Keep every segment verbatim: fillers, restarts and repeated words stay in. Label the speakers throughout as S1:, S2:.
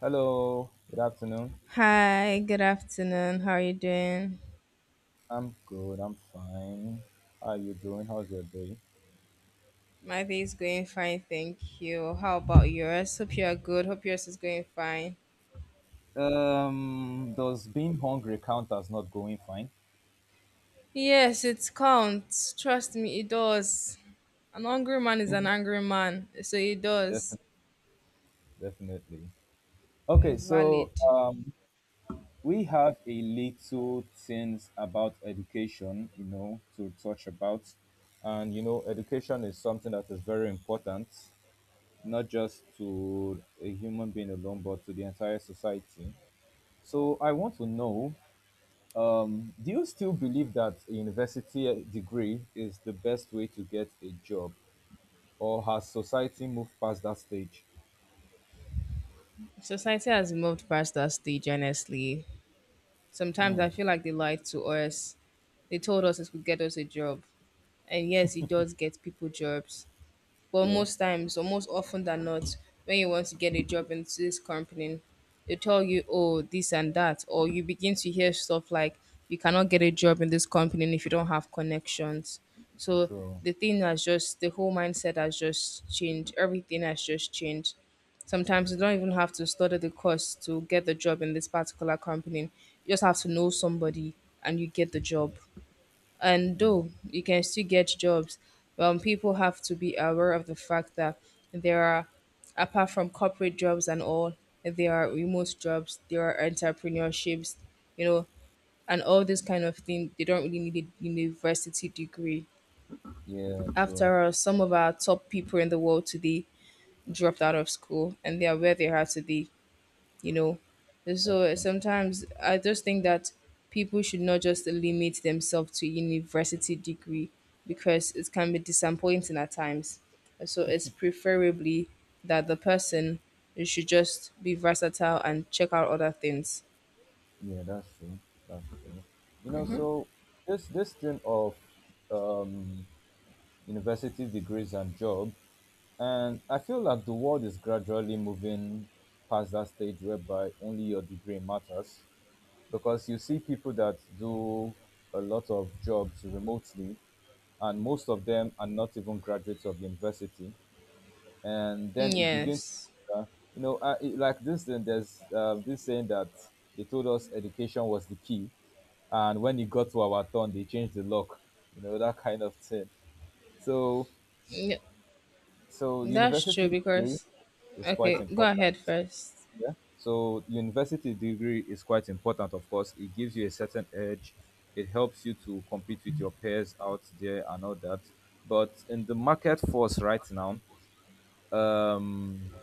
S1: Hello, good afternoon.
S2: Hi, good afternoon. How are you doing?
S1: I'm good, I'm fine. How are you doing? How's your day?
S2: My day is going fine, thank you. How about yours? Hope you are good. Hope yours is going fine.
S1: Um, does being hungry count as not going fine?
S2: Yes, it counts. Trust me, it does. An angry man is an angry man, so it does.
S1: Definitely, definitely. Okay,
S2: It's valid.
S1: so um, we have a little things about education, you know, to touch about. And, you know, education is something that is very important, not just to a human being alone, but to the entire society. So I want to know Um, Do you still believe that a university degree is the best way to get a job, or has society moved past that stage?
S2: Society has moved past that stage, honestly. Sometimes I feel like they lied to us. They told us it would get us a job. And yes, it does get people jobs. But
S1: Yeah,
S2: most times, or most often than not, when you want to get a job into this company, they tell you, oh, this and that, or you begin to hear stuff like, you cannot get a job in this company if you don't have connections. So
S1: true.
S2: the thing has just, the whole mindset has just changed. Everything has just changed. Sometimes you don't even have to study the course to get the job in this particular company. You just have to know somebody and you get the job. And
S1: Mm,
S2: though you can still get jobs, um, people have to be aware of the fact that there are, apart from corporate jobs and all, there are remote jobs, there are entrepreneurships, you know, and all this kind of thing. They don't really need a university degree.
S1: yeah, true.
S2: After all, some of our top people in the world today dropped out of school and they are where they are today you know. So
S1: That's
S2: eh,
S1: true.
S2: sometimes I just think that people should not just limit themselves to university degree because it can be disappointing at times. So it's preferably that the person should just be versatile and check out other things.
S1: Yeah, that's true. That's true. You know, so this this thing of um, university degrees and job, and I feel like the world is gradually moving past that stage whereby only your degree matters, because you see people that do a lot of jobs remotely, and most of them are not even graduates of university. And then it begins,
S2: Yes.
S1: uh, you know, uh, it, like this. Then there's uh, this saying that they told us education was the key, and when it got to our turn they changed the lock. You know, that kind of thing. So
S2: Yeah,
S1: so
S2: that's true
S1: university degree
S2: because
S1: is quite
S2: okay, go
S1: important.
S2: ahead first.
S1: Yeah. So university degree is quite important, of course. It gives you a certain edge. It helps you to compete with your peers out there and all that. But in the market force right now, um,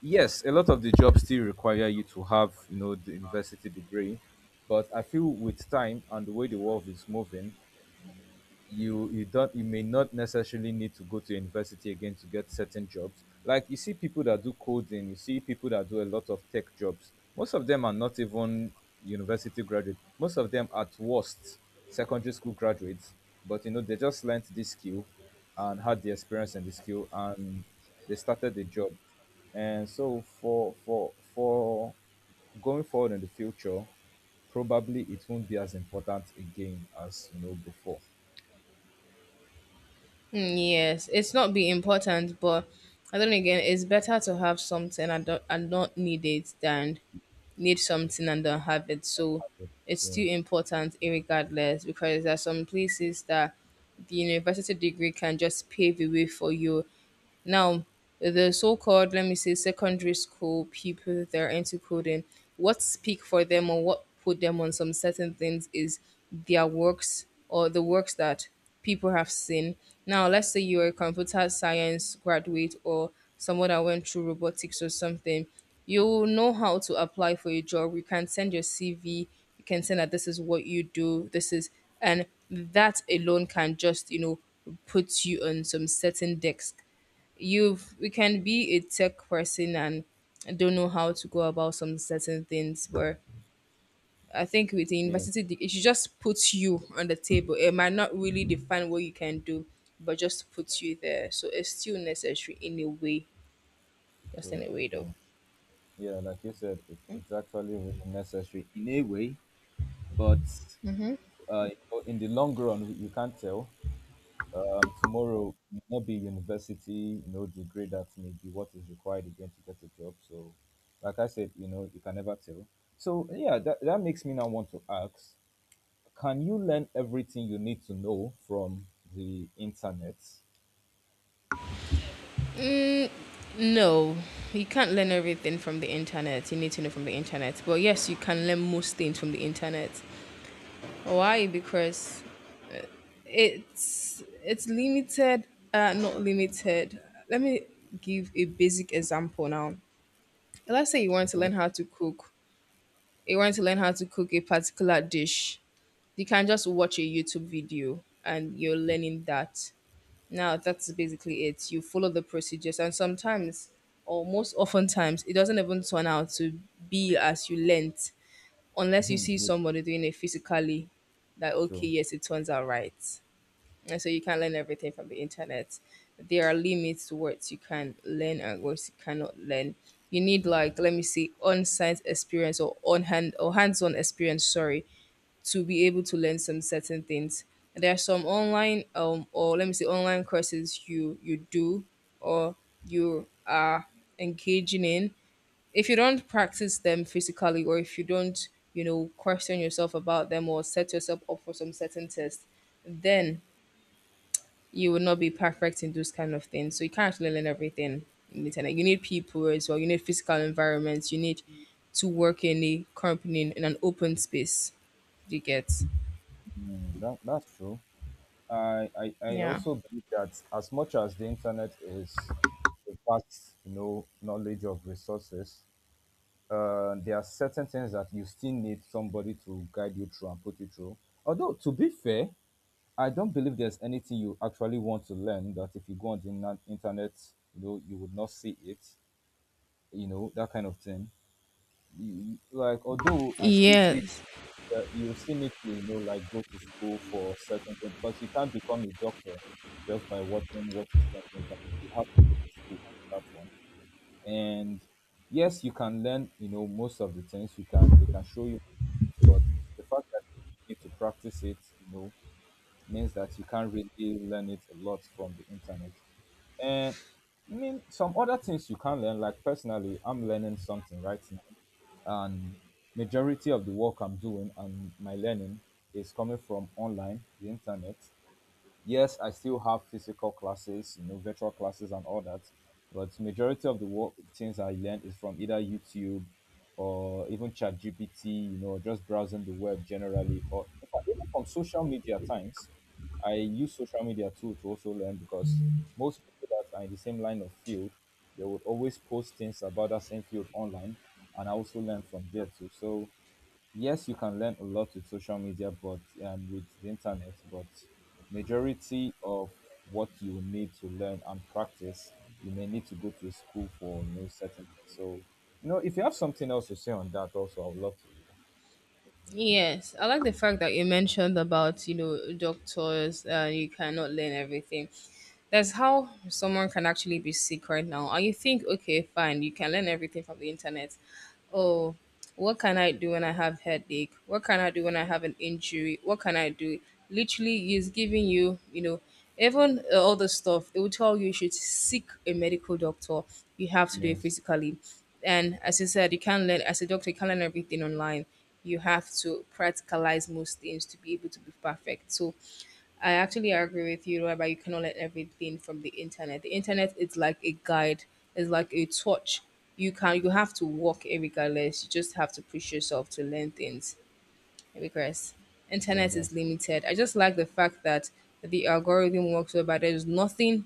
S1: yes, a lot of the jobs still require you to have, you know, the university degree. But I feel with time and the way the world is moving, you you don't you may not necessarily need to go to university again to get certain jobs. Like you see people that do coding, you see people that do a lot of tech jobs. Most of them are not even university graduates. Most of them at worst secondary school graduates. But you know, they just learnt this skill and had the experience and the skill, and they started the job. And so for for for going forward in the future, probably it won't be as important again as, you know, before.
S2: Mm, yes, it's not be important, but I don't know, again, it's better to have something and don't and not need it than need something and don't have it. So it's
S1: Yeah.
S2: still important regardless because there are some places that the university degree can just pave the way for you now, the so called, let me say, secondary school people that are into coding, what speak for them or what put them on some certain things is their works or the works that people have seen. Now, let's say you're a computer science graduate or someone that went through robotics or something, you know how to apply for a job. You can send your C V, you can send that this is what you do, this is, and that alone can just, you know, put you on some certain decks you've you can be a tech person and don't know how to go about some certain things but I think with the
S1: Yeah,
S2: university de- it should just puts you on the table. It might not really define what you can do but just puts you there, so it's still necessary in a way, just
S1: true,
S2: in a way though.
S1: true. Yeah, like you said, it, it's actually really necessary in a way, but uh, you know, in the long run, you can't tell. Um, tomorrow may not be university, you know, degree that may be what is required again to get a job. So, like I said, you know, you can never tell. So, yeah, that, that makes me now want to ask, can you learn everything you need to know from the internet?
S2: No, you can't learn everything from the internet you need to know from the internet, but yes, you can learn most things from the internet. Why? Because it's it's limited. uh not limited, let me give a basic example now. Let's say you want to
S1: Okay.
S2: learn how to cook, you want to learn how to cook a particular dish, you can just watch a YouTube video and you're
S1: Yeah,
S2: learning that. Now that's basically it, you follow the procedures and sometimes, or most oftentimes, it doesn't even turn out to be as you learnt unless you see
S1: yeah,
S2: somebody doing it physically, that okay,
S1: true.
S2: yes, it turns out right. And so you can't learn everything from the internet. There are limits to what you can learn and what you cannot learn. You need, like, let me see, on-site experience or on hand, or hands-on experience, sorry, to be able to learn some certain things. There are some online um or let me say online courses you you do or you are engaging in. If you don't practice them physically or if you don't, you know, question yourself about them or set yourself up for some certain test, then you would not be perfect in those kind of things. So you can't actually learn everything in the internet. You need people as well. You need physical environments. You need to work in a company in in an open space. Do you get
S1: Mm, that, that's true. I, I I
S2: yeah.
S1: also believe that as much as the internet is a vast, you know, knowledge of resources, uh, there are certain things that you still need somebody to guide you through and put you through. Although, to be fair, I don't believe there's anything you actually want to learn that if you go on the na- internet, you know, you would not see it, you know, that kind of thing. You- you- Like, although I still see,
S2: Yes.
S1: yeah, you still need to, you know, like go to school for certain things, because you can't become a doctor just by watching what you see on the internet. You have to go to school for that one. And yes, you can learn. You know, most of the things you can they can show you, but the fact that you need to practice it, you know, means that you can't really learn it a lot from the internet. And I mean, some other things you can learn. Like personally, I'm learning something right now, and majority of the work I'm doing and my learning is coming from online, the internet. Yes, I still have physical classes, you know, virtual classes and all that, but majority of the work things I learned is from either YouTube or even ChatGPT, you know, just browsing the web generally, or in fact, even from social media at times. I use social media too to also learn, because most people that are in the same line of field, they would always post things about that same field online, and I also learn from there too. So yes, you can learn a lot with social media, but and with the internet, but majority of what you need to learn and practice, you may need to go to a school for, you know, certain things. So you know, if you have something else to say on that also, I would love to hear.
S2: Yes, I like the fact that you mentioned about, you know, doctors. Uh, you cannot learn everything. That's how someone can actually be sick right now. And you think, okay, fine, you can learn everything from the internet. Oh, what can I do when I have headache? What can I do when I have an injury? What can I do? Literally, he's giving you, you know, even uh, all the stuff. They will tell you you should seek a medical doctor. You have to do it
S1: Yes,
S2: physically. And as I said, you can't learn, as a doctor, you can't learn everything online. You have to practicalize most things to be able to be perfect. So I actually agree with you, whereby you cannot learn everything from the internet. The internet is like a guide, it's like a torch. You can you have to walk it regardless. You just have to push yourself to learn things because
S1: yeah,
S2: internet is
S1: that's
S2: limited. I just like the fact that the algorithm works whereby there's nothing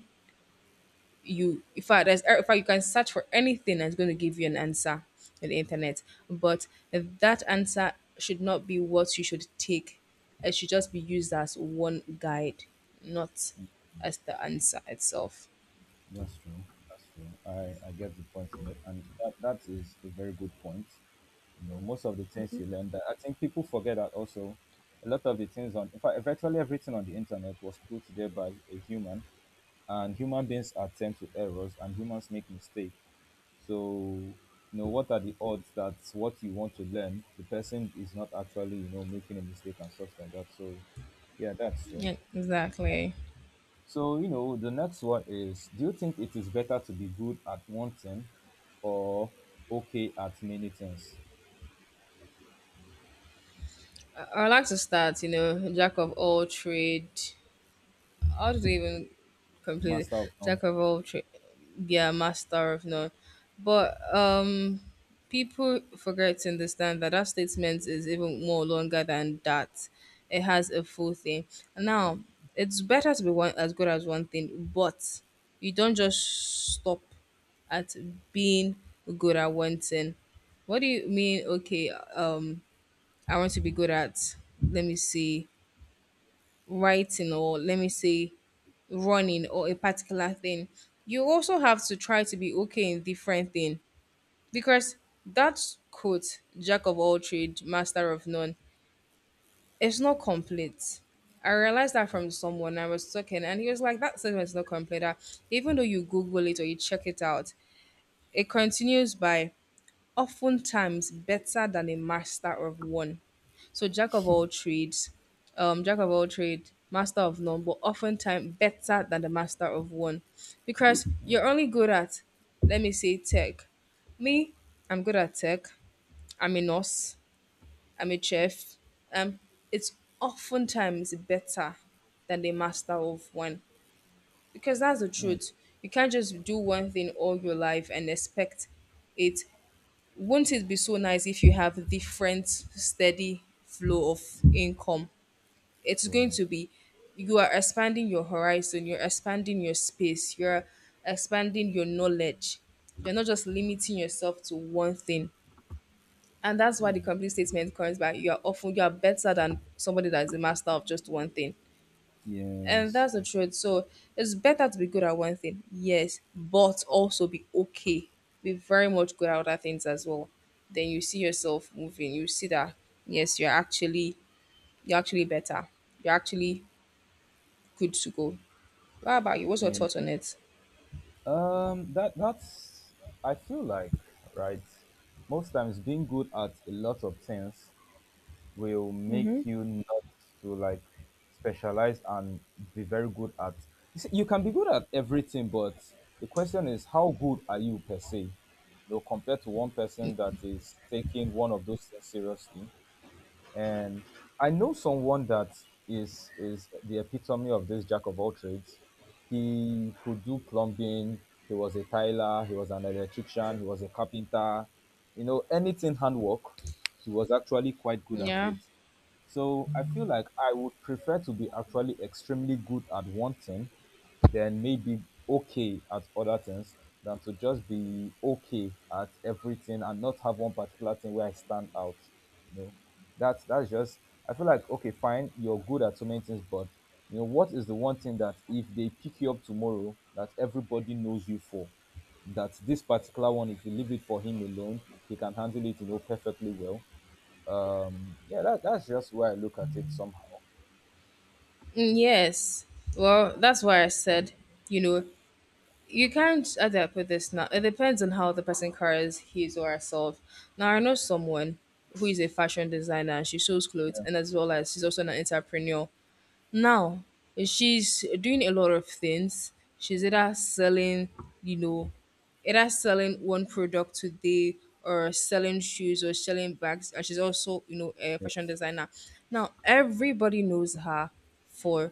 S2: you, in fact, there's, in fact, you can search for anything and it's going to give you an answer on the internet. But that answer should not be what you should take, it should just be used as one guide, not as the answer itself.
S1: that's true. That's true. I I get the point you made, and that, that is a very good point. You know, most of the things you learn that I think people forget that also. A lot of the things on, in fact, virtually everything on the internet was put there by a human, and human beings are attempt to errors, and humans make mistakes. So you know, what are the odds that what you want to learn, the person is not actually, you know, making a mistake and stuff like that? So yeah, that's true.
S2: Yeah, exactly.
S1: So you know, the next one is, do you think it is better to be good at one thing, or okay at many things?
S2: I, I like to start, you know, jack of all trade. How do they even completely
S1: Master of none.
S2: Jack of all trades, yeah, master of none. But um, people forget to understand that that statement is even more longer than that. It has a full thing. Now, it's better to be one as good as one thing, but you don't just stop at being good at one thing. What do you mean? Okay, um, I want to be good at, let me see, writing, or let me see running or a particular thing. You also have to try to be okay in different thing because that quote jack of all trade master of none is not complete. I realized that from someone I was talking and he was like that sentence is not complete, that even though you google it or you check it out, it continues by oftentimes better than a master of one. So jack of all trades, um, jack of all trades, master of none, but oftentimes better than the master of one, because you're only good at, let me say, tech. Me, I'm good at tech. I'm a nurse. I'm a chef. Um, it's oftentimes better than the master of one because that's the
S1: Hmm,
S2: truth. You can't just do one thing all your life and expect it. Wouldn't it be so nice if you have different steady flow of income? It's going
S1: true.
S2: to be you are expanding your horizon, you're expanding your space, you're expanding your knowledge. You're not just limiting yourself to one thing. And that's why the
S1: Hmm,
S2: complete statement comes back. You are often you are better than somebody that is a master of just one thing. And
S1: yes.
S2: that's the truth. So it's better to be good at one thing, yes, but also be okay. Be very much good at other things as well. Then you see yourself moving. You see that yes, you're actually you're actually better. You're actually good to go. What about you? What's your
S1: Yeah.
S2: thoughts on it?
S1: Um, that that's, I feel like, right. Most times, being good at a lot of things will make you not to like specialize and be very good at. You see, you can be good at everything, but the question is, how good are you per se? Though compared to one person that is taking one of those things seriously. And I know someone that is is the epitome of this jack of all trades. He could do plumbing. He was a tiler. He was an electrician. He was a carpenter. You know, anything handwork, he was actually quite good at
S2: Yeah.
S1: it. So I feel like I would prefer to be actually extremely good at one thing, then maybe okay at other things, than to just be okay at everything and not have one particular thing where I stand out. You know, that's that's just. I feel like okay, fine, you're good at so many things, but you know, what is the one thing that if they pick you up tomorrow, that everybody knows you for, that this particular one, if you leave it for him alone, he can handle it, you know, perfectly well. Um, yeah, that, that's just where I look at it somehow.
S2: Mm, yes. Well, that's why I said, you know, you can't, how do I put this now? It depends on how the person carries his or herself. Now, I know someone who is a fashion designer and she shows clothes
S1: Yeah.
S2: and as well as she's also an entrepreneur. Now she's doing a lot of things. She's either selling, you know, either selling one product today or selling shoes or selling bags. And she's also, you know, a fashion
S1: Yes.
S2: designer. Now everybody knows her for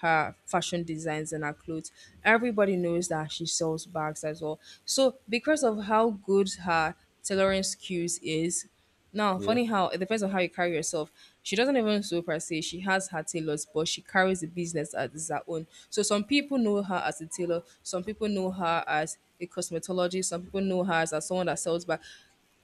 S2: her fashion designs and her clothes. Everybody knows that she sells bags as well. So because of how good her tailoring skills is, now funny
S1: Yes.
S2: how it depends on how you carry yourself. She doesn't even sew per se. She has her tailors, but she carries the business as her own. So some people know her as a tailor, some people know her as a cosmetologist, some people know her as, as someone that sells bags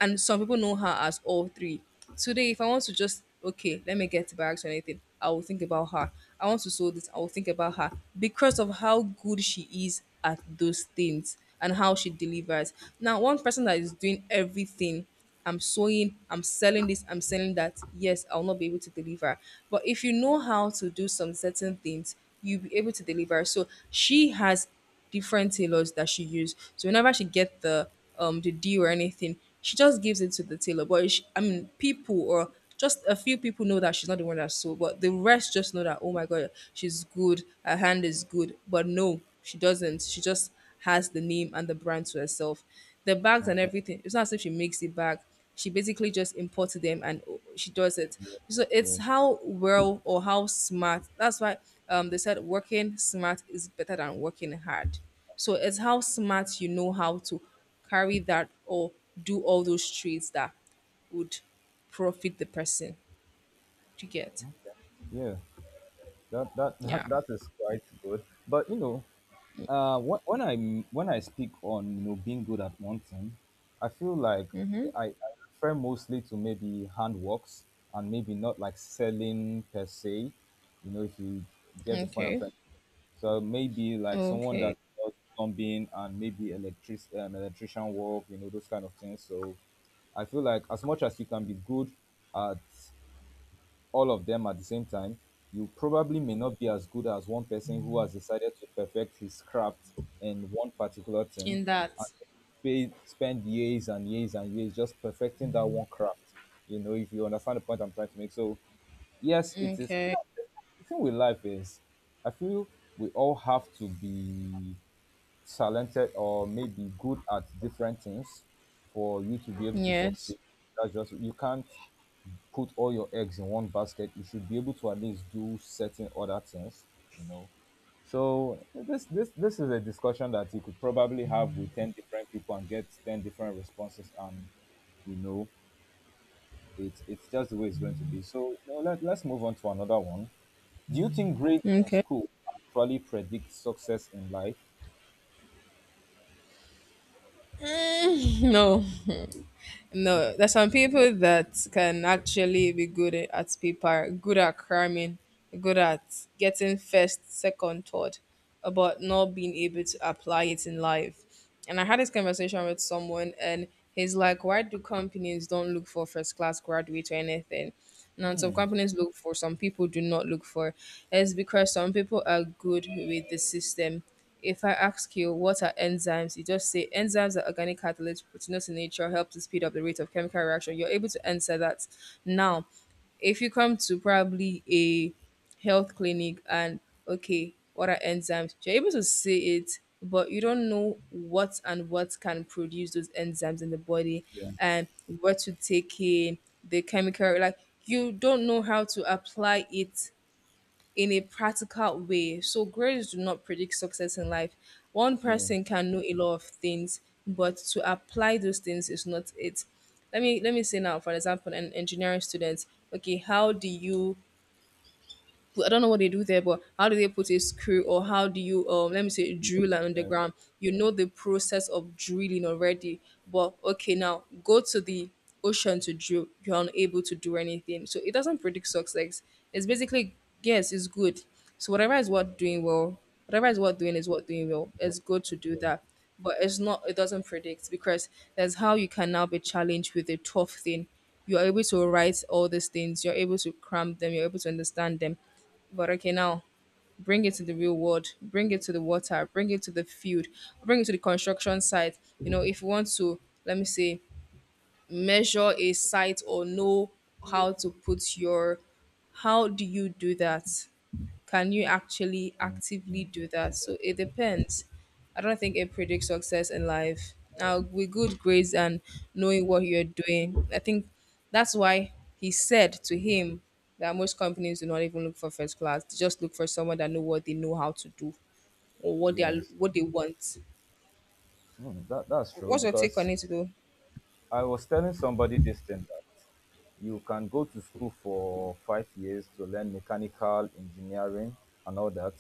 S2: and some people know her as all three. Today, if I want to just okay, let me get to bags or anything, I will think about her. I want to sew this, I will think about her because of how good she is at those things and how she delivers. Now, one person that is doing everything, I'm sewing, I'm selling this, I'm selling that. Yes, I'll not be able to deliver. But if you know how to do some certain things, you'll be able to deliver. So she has different tailors that she used. So whenever she get the um the deal or anything, she just gives it to the tailor. But she, I mean, people or just a few people know that she's not the one that sold, but the rest just know that oh my god, she's good, her hand is good. But no, she doesn't. She just has the name and the brand to herself. The bags and
S1: Okay.
S2: everything. It's not as if she makes the bag, she basically just imports them and she does it.
S1: Yes.
S2: So it's
S1: Yes.
S2: how well or how smart. That's why um they said working smart is better than working hard. So it's how smart you know how to carry that or do all those trades that would profit the person. Do you get?
S1: Yeah, that that
S2: Yeah.
S1: that, that is quite good. But you know, uh when, when i when I speak on, you know, being good at one thing, I feel like i, I refer mostly to maybe handworks, and maybe not like selling per se. You know, if you get the point I'm
S2: Okay.
S1: trying. So maybe like someone
S2: Okay.
S1: that does plumbing and maybe electric um, electrician work, you know, those kind of things. So I feel like as much as you can be good at all of them at the same time, you probably may not be as good as one person who has decided to perfect his craft in one particular thing,
S2: In
S1: and
S2: that,
S1: pay, spend years and years and years just perfecting that one craft. You know, if you understand the point I'm trying to make. So, yes, it is. No,
S2: okay.
S1: the thing with life is, I feel we all have to be talented or maybe good at different things for you to be able to succeed.
S2: Yes.
S1: That's just, you can't put all your eggs in one basket. You should be able to at least do certain other things, you know. So this this this is a discussion that you could probably have with ten different people and get ten different responses, and you know, it's it's just the way it's going to be. So you know, let let's move on to another one. Do you think grades in
S2: Okay.
S1: school actually predict success in life?
S2: No. No, there's some people that can actually be good at at paper, good at cramming, good at getting first, second, third, about not being able to apply it in life. And I had this conversation with someone, and he's like, "Why do companies don't look for first class graduate or anything?" Now, some companies look for, some people do not look for. It's because some people are good with the system. If I ask you what are enzymes, you just say enzymes are organic catalysts, proteinous in nature, help to speed up the rate of chemical reaction. You're able to answer that. Now, if you come to probably a health clinic and okay, what are enzymes? You're able to say it, but you don't know what and what can produce those enzymes in the body
S1: Yeah,
S2: and what to take in, the chemical, like you don't know how to apply it in a practical way. So grades do not predict success in life. One
S1: yeah,
S2: person can know a lot of things, but to apply those things is not it. Let me let me say now, for example, an engineering student. Okay, how do you put- I don't know what they do there, but how do they put a screw or how do you um let me say
S1: yeah,
S2: drill an
S1: yeah.
S2: underground? You know the process of drilling already, but okay now go to the ocean to drill. You're unable to do anything, so it doesn't predict success. It's basically yes, it's good. So whatever is worth doing well, whatever is worth doing is worth doing well. It's good to do that. But it's not it doesn't predict because that's how you can now be challenged with a tough thing. You're able to write all these things, you're able to cram them, you're able to understand them. But okay, now bring it to the real world, bring it to the water, bring it to the field, bring it to the construction site. You know, if you want to, let me say, measure a site or know how to put your, how do you do that? Can you actually actively do that? So it depends. I don't think it predicts success in life. Now, with good grades and knowing what you're doing, I think that's why he said to him that most companies do not even look for first class. They just look for someone that know what they know how to do or what they are,
S1: Yes.
S2: what they want.
S1: Hmm, that that's true,
S2: What's your take
S1: because
S2: on it, though?
S1: I was telling somebody this thing that you can go to school for five years to learn mechanical engineering and all that,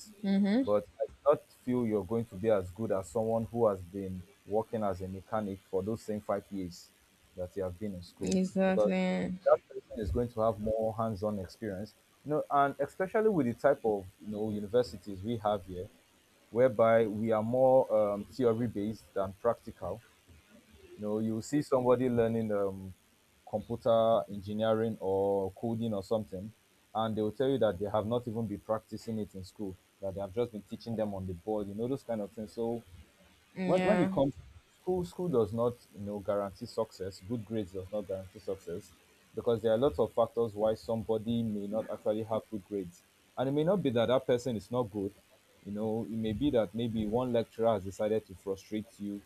S1: but I do not feel you're going to be as good as someone who has been working as a mechanic for those same five years that you have been in school, because
S2: Exactly.
S1: that person is going to have more hands-on experience. You know, and especially with the type of, you know, universities we have here, whereby we are more um, theory-based than practical. You know, you see somebody learning um, computer engineering or coding or something, and they will tell you that they have not even been practicing it in school, that they have just been teaching them on the board, you know, those kind of things. So when when
S2: Yeah.
S1: it comes, school school does not, you know, guarantee success. Good grades does not guarantee success because there are lots of factors why somebody may not actually have good grades, and it may not be that that person is not good. You know, it may be that maybe one lecturer has decided to frustrate you,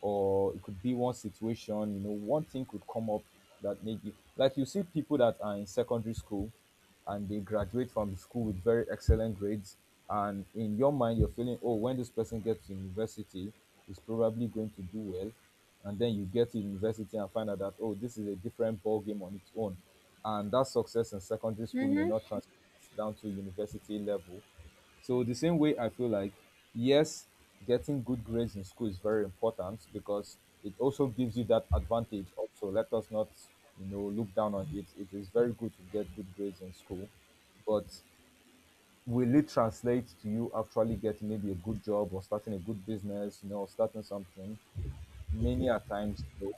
S1: or it could be one situation. You know, one thing could come up that maybe, like, you see people that are in secondary school and they graduate from the school with very excellent grades, and in your mind you're feeling, oh, when this person gets to university, he's probably going to do well. And then you get to university and find out that, oh, this is a different ball game on its own, and that success in secondary school may not translate down to university level. So the same way I feel like, yes, getting good grades in school is very important because it also gives you that advantage also. Let us not, you know, look down on it. It is very good to get good grades in school, but will it translate to you actually getting maybe a good job or starting a good business, you know, or starting something? Many a times no.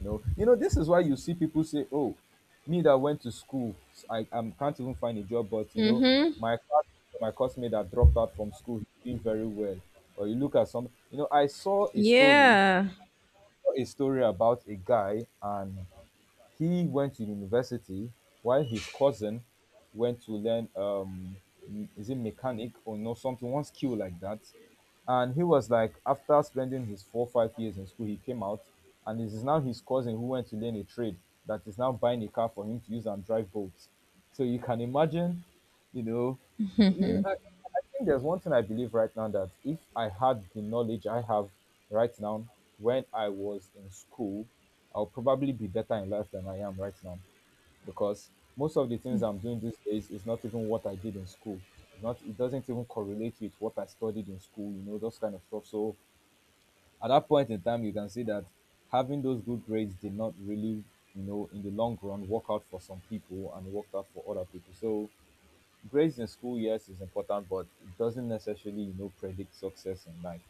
S1: No, you know, this is why you see people say, "Oh, me that went to school, I um, can't even find a job." But you know,
S2: Mhm.
S1: my class, my classmate that dropped out from school, he's doing very well. Or you look at some, you know, I saw a story,
S2: Yeah.
S1: a story about a guy, and he went to university while his cousin went to learn um m- is it mechanic or no, something, one skill like that. And he was like, after spending his four five years in school, he came out, and it is now his cousin who went to learn a trade that is now buying a car for him to use and drive boats. So you can imagine, you know, in- I think there's one thing I believe right now, that if I had the knowledge I have right now when I was in school, I'll probably be better in life than I am right now, because most of the things I'm doing these days is not even what I did in school. It's not it doesn't even correlate with what I studied in school, you know, those kind of stuff. So at that point in time you can see that having those good grades did not really, you know, in the long run work out for some people, and it worked out for other people. So grades in school, yes, is important, but it doesn't necessarily, you know, predict success in life.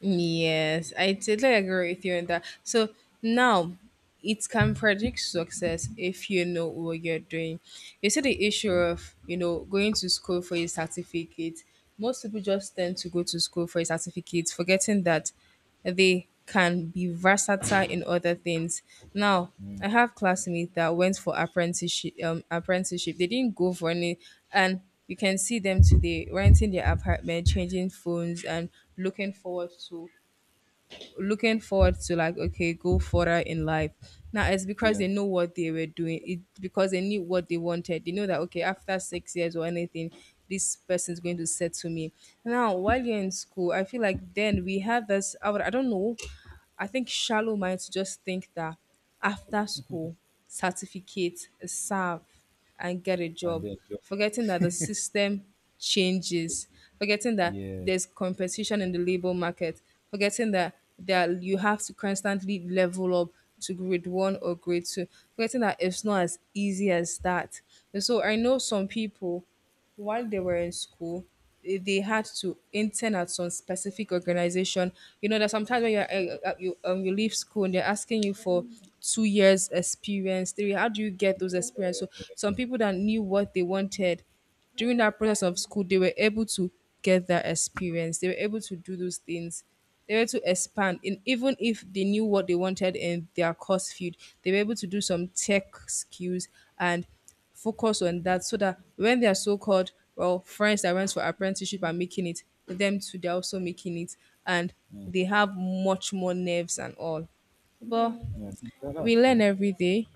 S2: Yes, I totally agree with you on that. So now it can predict success if you know what you're doing. You see the issue
S1: True.
S2: of, you know, going to school for your certificate. Most people just tend to go to school for a certificate, forgetting that. They can be versatile in other things. Now,
S1: Mm,
S2: I have classmates that went for apprenticeship. Um, apprenticeship. They didn't go for any, and you can see them today renting their apartment, changing phones, and looking forward to looking forward to like okay go further in life. Now it's because
S1: yeah,
S2: they know what they were doing, it because they knew what they wanted. They know that okay after six years or anything, this person's going to settle me. Now while you're in school, I feel like then we have this i, would, I don't know I think shallow minds just think that after school, certificate serve and get a
S1: and
S2: job,
S1: then job.
S2: forgetting that the system changes, forgetting that
S1: Yeah,
S2: there's competition in the labor market, forgetting that that you have to constantly level up to grade one or grade two, forgetting that it's not as easy as that. And so I know some people while they were in school, eh, they had to intern at some specific organization. You know that sometimes when you're, eh, eh, you um you leave school and they're asking you for two years experience, three. How do you get those experience? So some
S1: yes,
S2: people that knew what they wanted during that process of school, they were able to get that experience. They were able to do those things. They were able to expand, and even if they knew what they wanted in their course field, they were able to do some tech skills and focus on that so that when their so-called well friends that went for apprenticeship are making it, them too they're also making it, and
S1: mm,
S2: they have much more nerves and all. But
S1: yeah, that- that's
S2: we learn
S1: true.
S2: every day.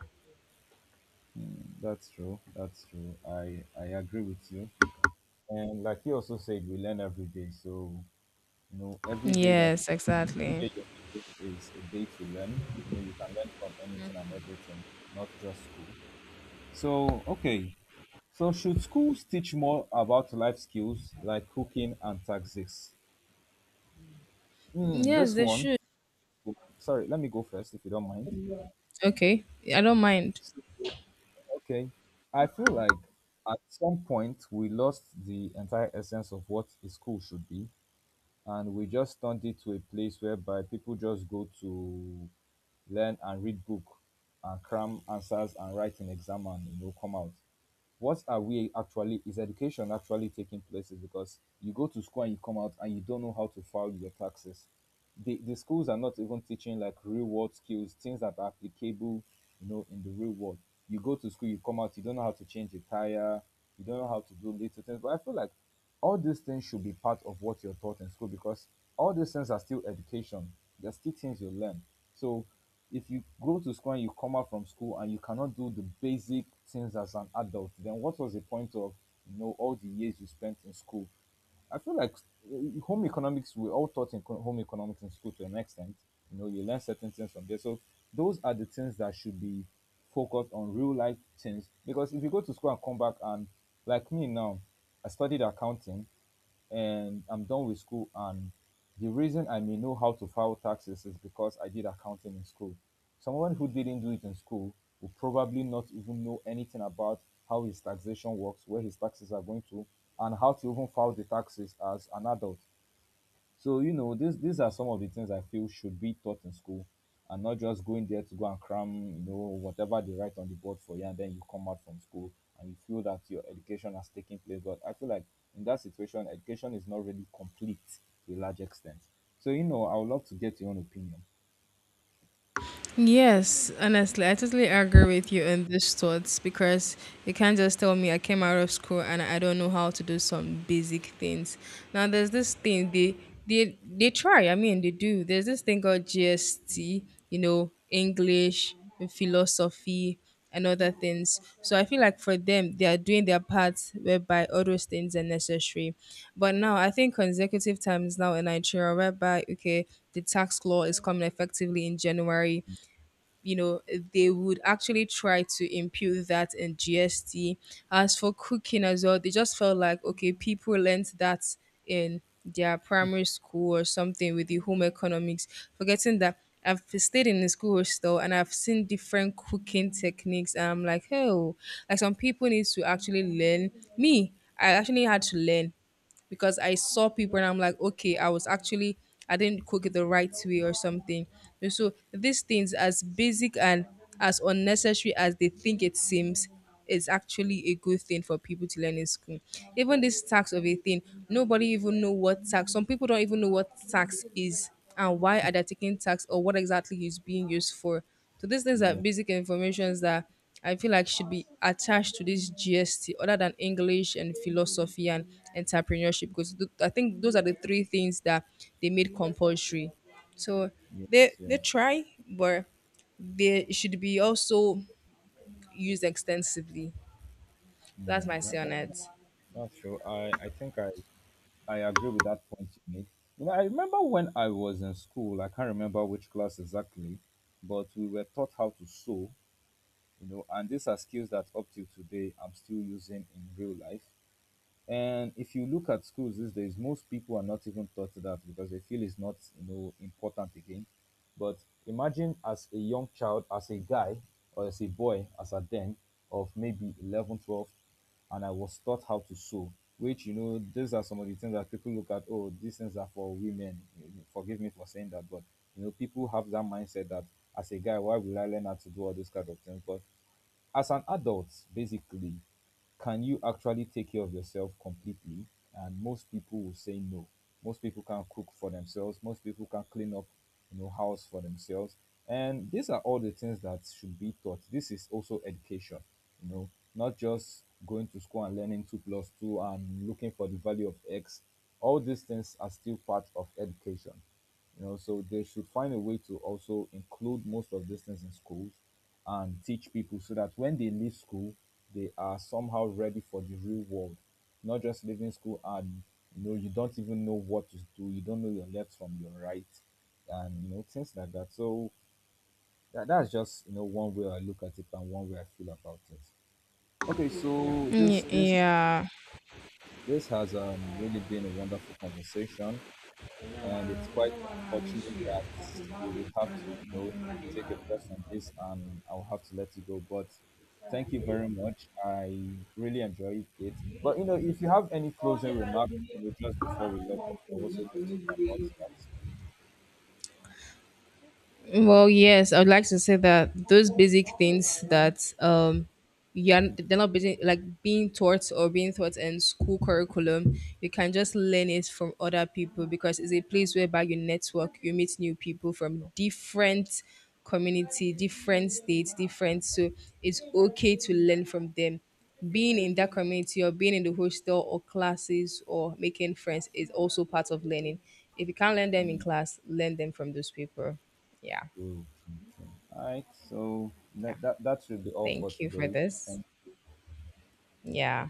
S1: Mm, that's true. That's true. I I agree with you. And like you also said, we learn every day. So you know, every day that
S2: Yes,
S1: every
S2: exactly.
S1: day you're living is a day to learn. You know, you can learn from anything and everything, not just school. So okay. So should schools teach more about life skills like cooking and taxes? Hmm,
S2: Yes,
S1: this
S2: they
S1: one,
S2: should.
S1: sorry, let me go first if you don't mind.
S2: Okay. I don't mind.
S1: So, okay, I feel like at some point we lost the entire essence of what a school should be, and we just turned it to a place whereby people just go to learn and read book and cram answers and write an exam and, you know, come out. What are we actually Is education actually taking place? Is because you go to school and you come out and you don't know how to file your taxes. The, the schools are not even teaching like real world skills, things that are applicable, you know, in the real world. You go to school, you come out, you don't know how to change a tire, you don't know how to do little things. But I feel like all these things should be part of what you're taught in school, because all these things are still education, they're still things you learn. So if you go to school and you come out from school and you cannot do the basic things as an adult, then what was the point of, you know, all the years you spent in school? I feel like uh, home economics, we all taught in co- home economics in school to an extent. You know, you learn certain things from there. So those are the things that should be focused on, real life things. Because if you go to school and come back, and like me now, I studied accounting and I'm done with school, and the reason I may know how to file taxes is because I did accounting in school. Someone who didn't do it in school will probably not even know anything about how his taxation works, where his taxes are going to, and how to even file the taxes as an adult. So you know, these these are some of the things I feel should be taught in school, and not just going there to go and cram, you know, whatever they write on the board for you, and then you come out from school and you feel that your education has taken place. But I feel like in that situation, education is not really complete to a large extent. So you know, I would love to get your own opinion.
S2: Yes, honestly, I totally agree with you on these thoughts because you can't just tell me I came out of school and I don't know how to do some basic things. Now there's this thing they they they try. I mean they do. There's this thing called G S T. You know, English, philosophy, and other things. So I feel like for them, they are doing their part whereby all those things are necessary. But now I think consecutive times now in Nigeria, whereby okay, the tax law is coming effectively in January. You know, they would actually try to impute that in G S T. As for cooking as well, they just felt like okay, people learnt that in their primary school or something with the home economics, forgetting that I've stayed in the school hostel and I've seen different cooking techniques. And I'm like, oh, like some people need to actually learn. Me, I actually had to learn because I saw people and I'm like, okay, I was actually I didn't cook it the right way or something. And so these things, as basic and as unnecessary as they think it seems, is actually a good thing for people to learn in school. Even this tax of a thing, nobody even know what tax. Some people don't even know what tax is and why are they taking tax or what exactly is being used for. So these things are
S1: Yeah,
S2: basic informations that I feel like should be attached to this G S T other than English and philosophy and entrepreneurship because th- I think those are the three things that they made compulsory. So
S1: yes,
S2: they they
S1: yes.
S2: try, but they should be also used extensively. That's
S1: Mm,
S2: my say
S1: that, that,
S2: on it.
S1: that's true. I I think I I agree with that point you made. You know, I remember when I was in school, I can't remember which class exactly, but we were taught how to sew, you know, and these are skills that up till today I'm still using in real life. And if you look at schools these days, most people are not even taught that because they feel it's not, you know, important again. But imagine, as a young child, as a guy or as a boy, as a then of maybe eleven, twelve, and I was taught how to sew, which, you know, these are some of the things that people look at. Oh, these things are for women. Forgive me for saying that, but you know, people have that mindset that as a guy, why will I learn how to do all those kind of things? But as an adult, basically, can you actually take care of yourself completely? And most people will say no. Most people can cook for themselves, most people can clean up, you know, house for themselves. And these are all the things that should be taught. This is also education, you know, not just going to school and learning two plus two and looking for the value of x. All these things are still part of education, you know, so they should find a way to also include most of these things in schools and teach people so that when they leave school, they are somehow ready for the real world, not just leaving school and, you know, you don't even know what to do, you don't know your left from your right, and you know, things like that. So that, that's just you know, one way I look at it and one way I feel about it. Okay, so
S2: Mm.
S1: this this
S2: Yeah.
S1: this has um really been a wonderful conversation, and it's quite unfortunate that we would have to, you know, take a pause on this, and I'll have to let you go. But thank you very much. I really enjoyed it. But you know, if you have any closing remarks, you know, just before we log off, I would also love to know about that.
S2: Well, yes, I would like to say that those basic things that um you're they're not being like being taught or being taught in school curriculum, you can just learn it from other people because it's a place whereby you network, you meet new people from different community, different states, different. So it's okay to learn from them. Being in that community or being in the hostel or classes or making friends is also part of learning. If you can't learn them in
S1: Mm,
S2: class, learn them from those people. Yeah.
S1: true, true, true. All right, so
S2: Yeah,
S1: that, that that should be all for
S2: thank you for
S1: today.
S2: this.
S1: Thank
S2: Yeah.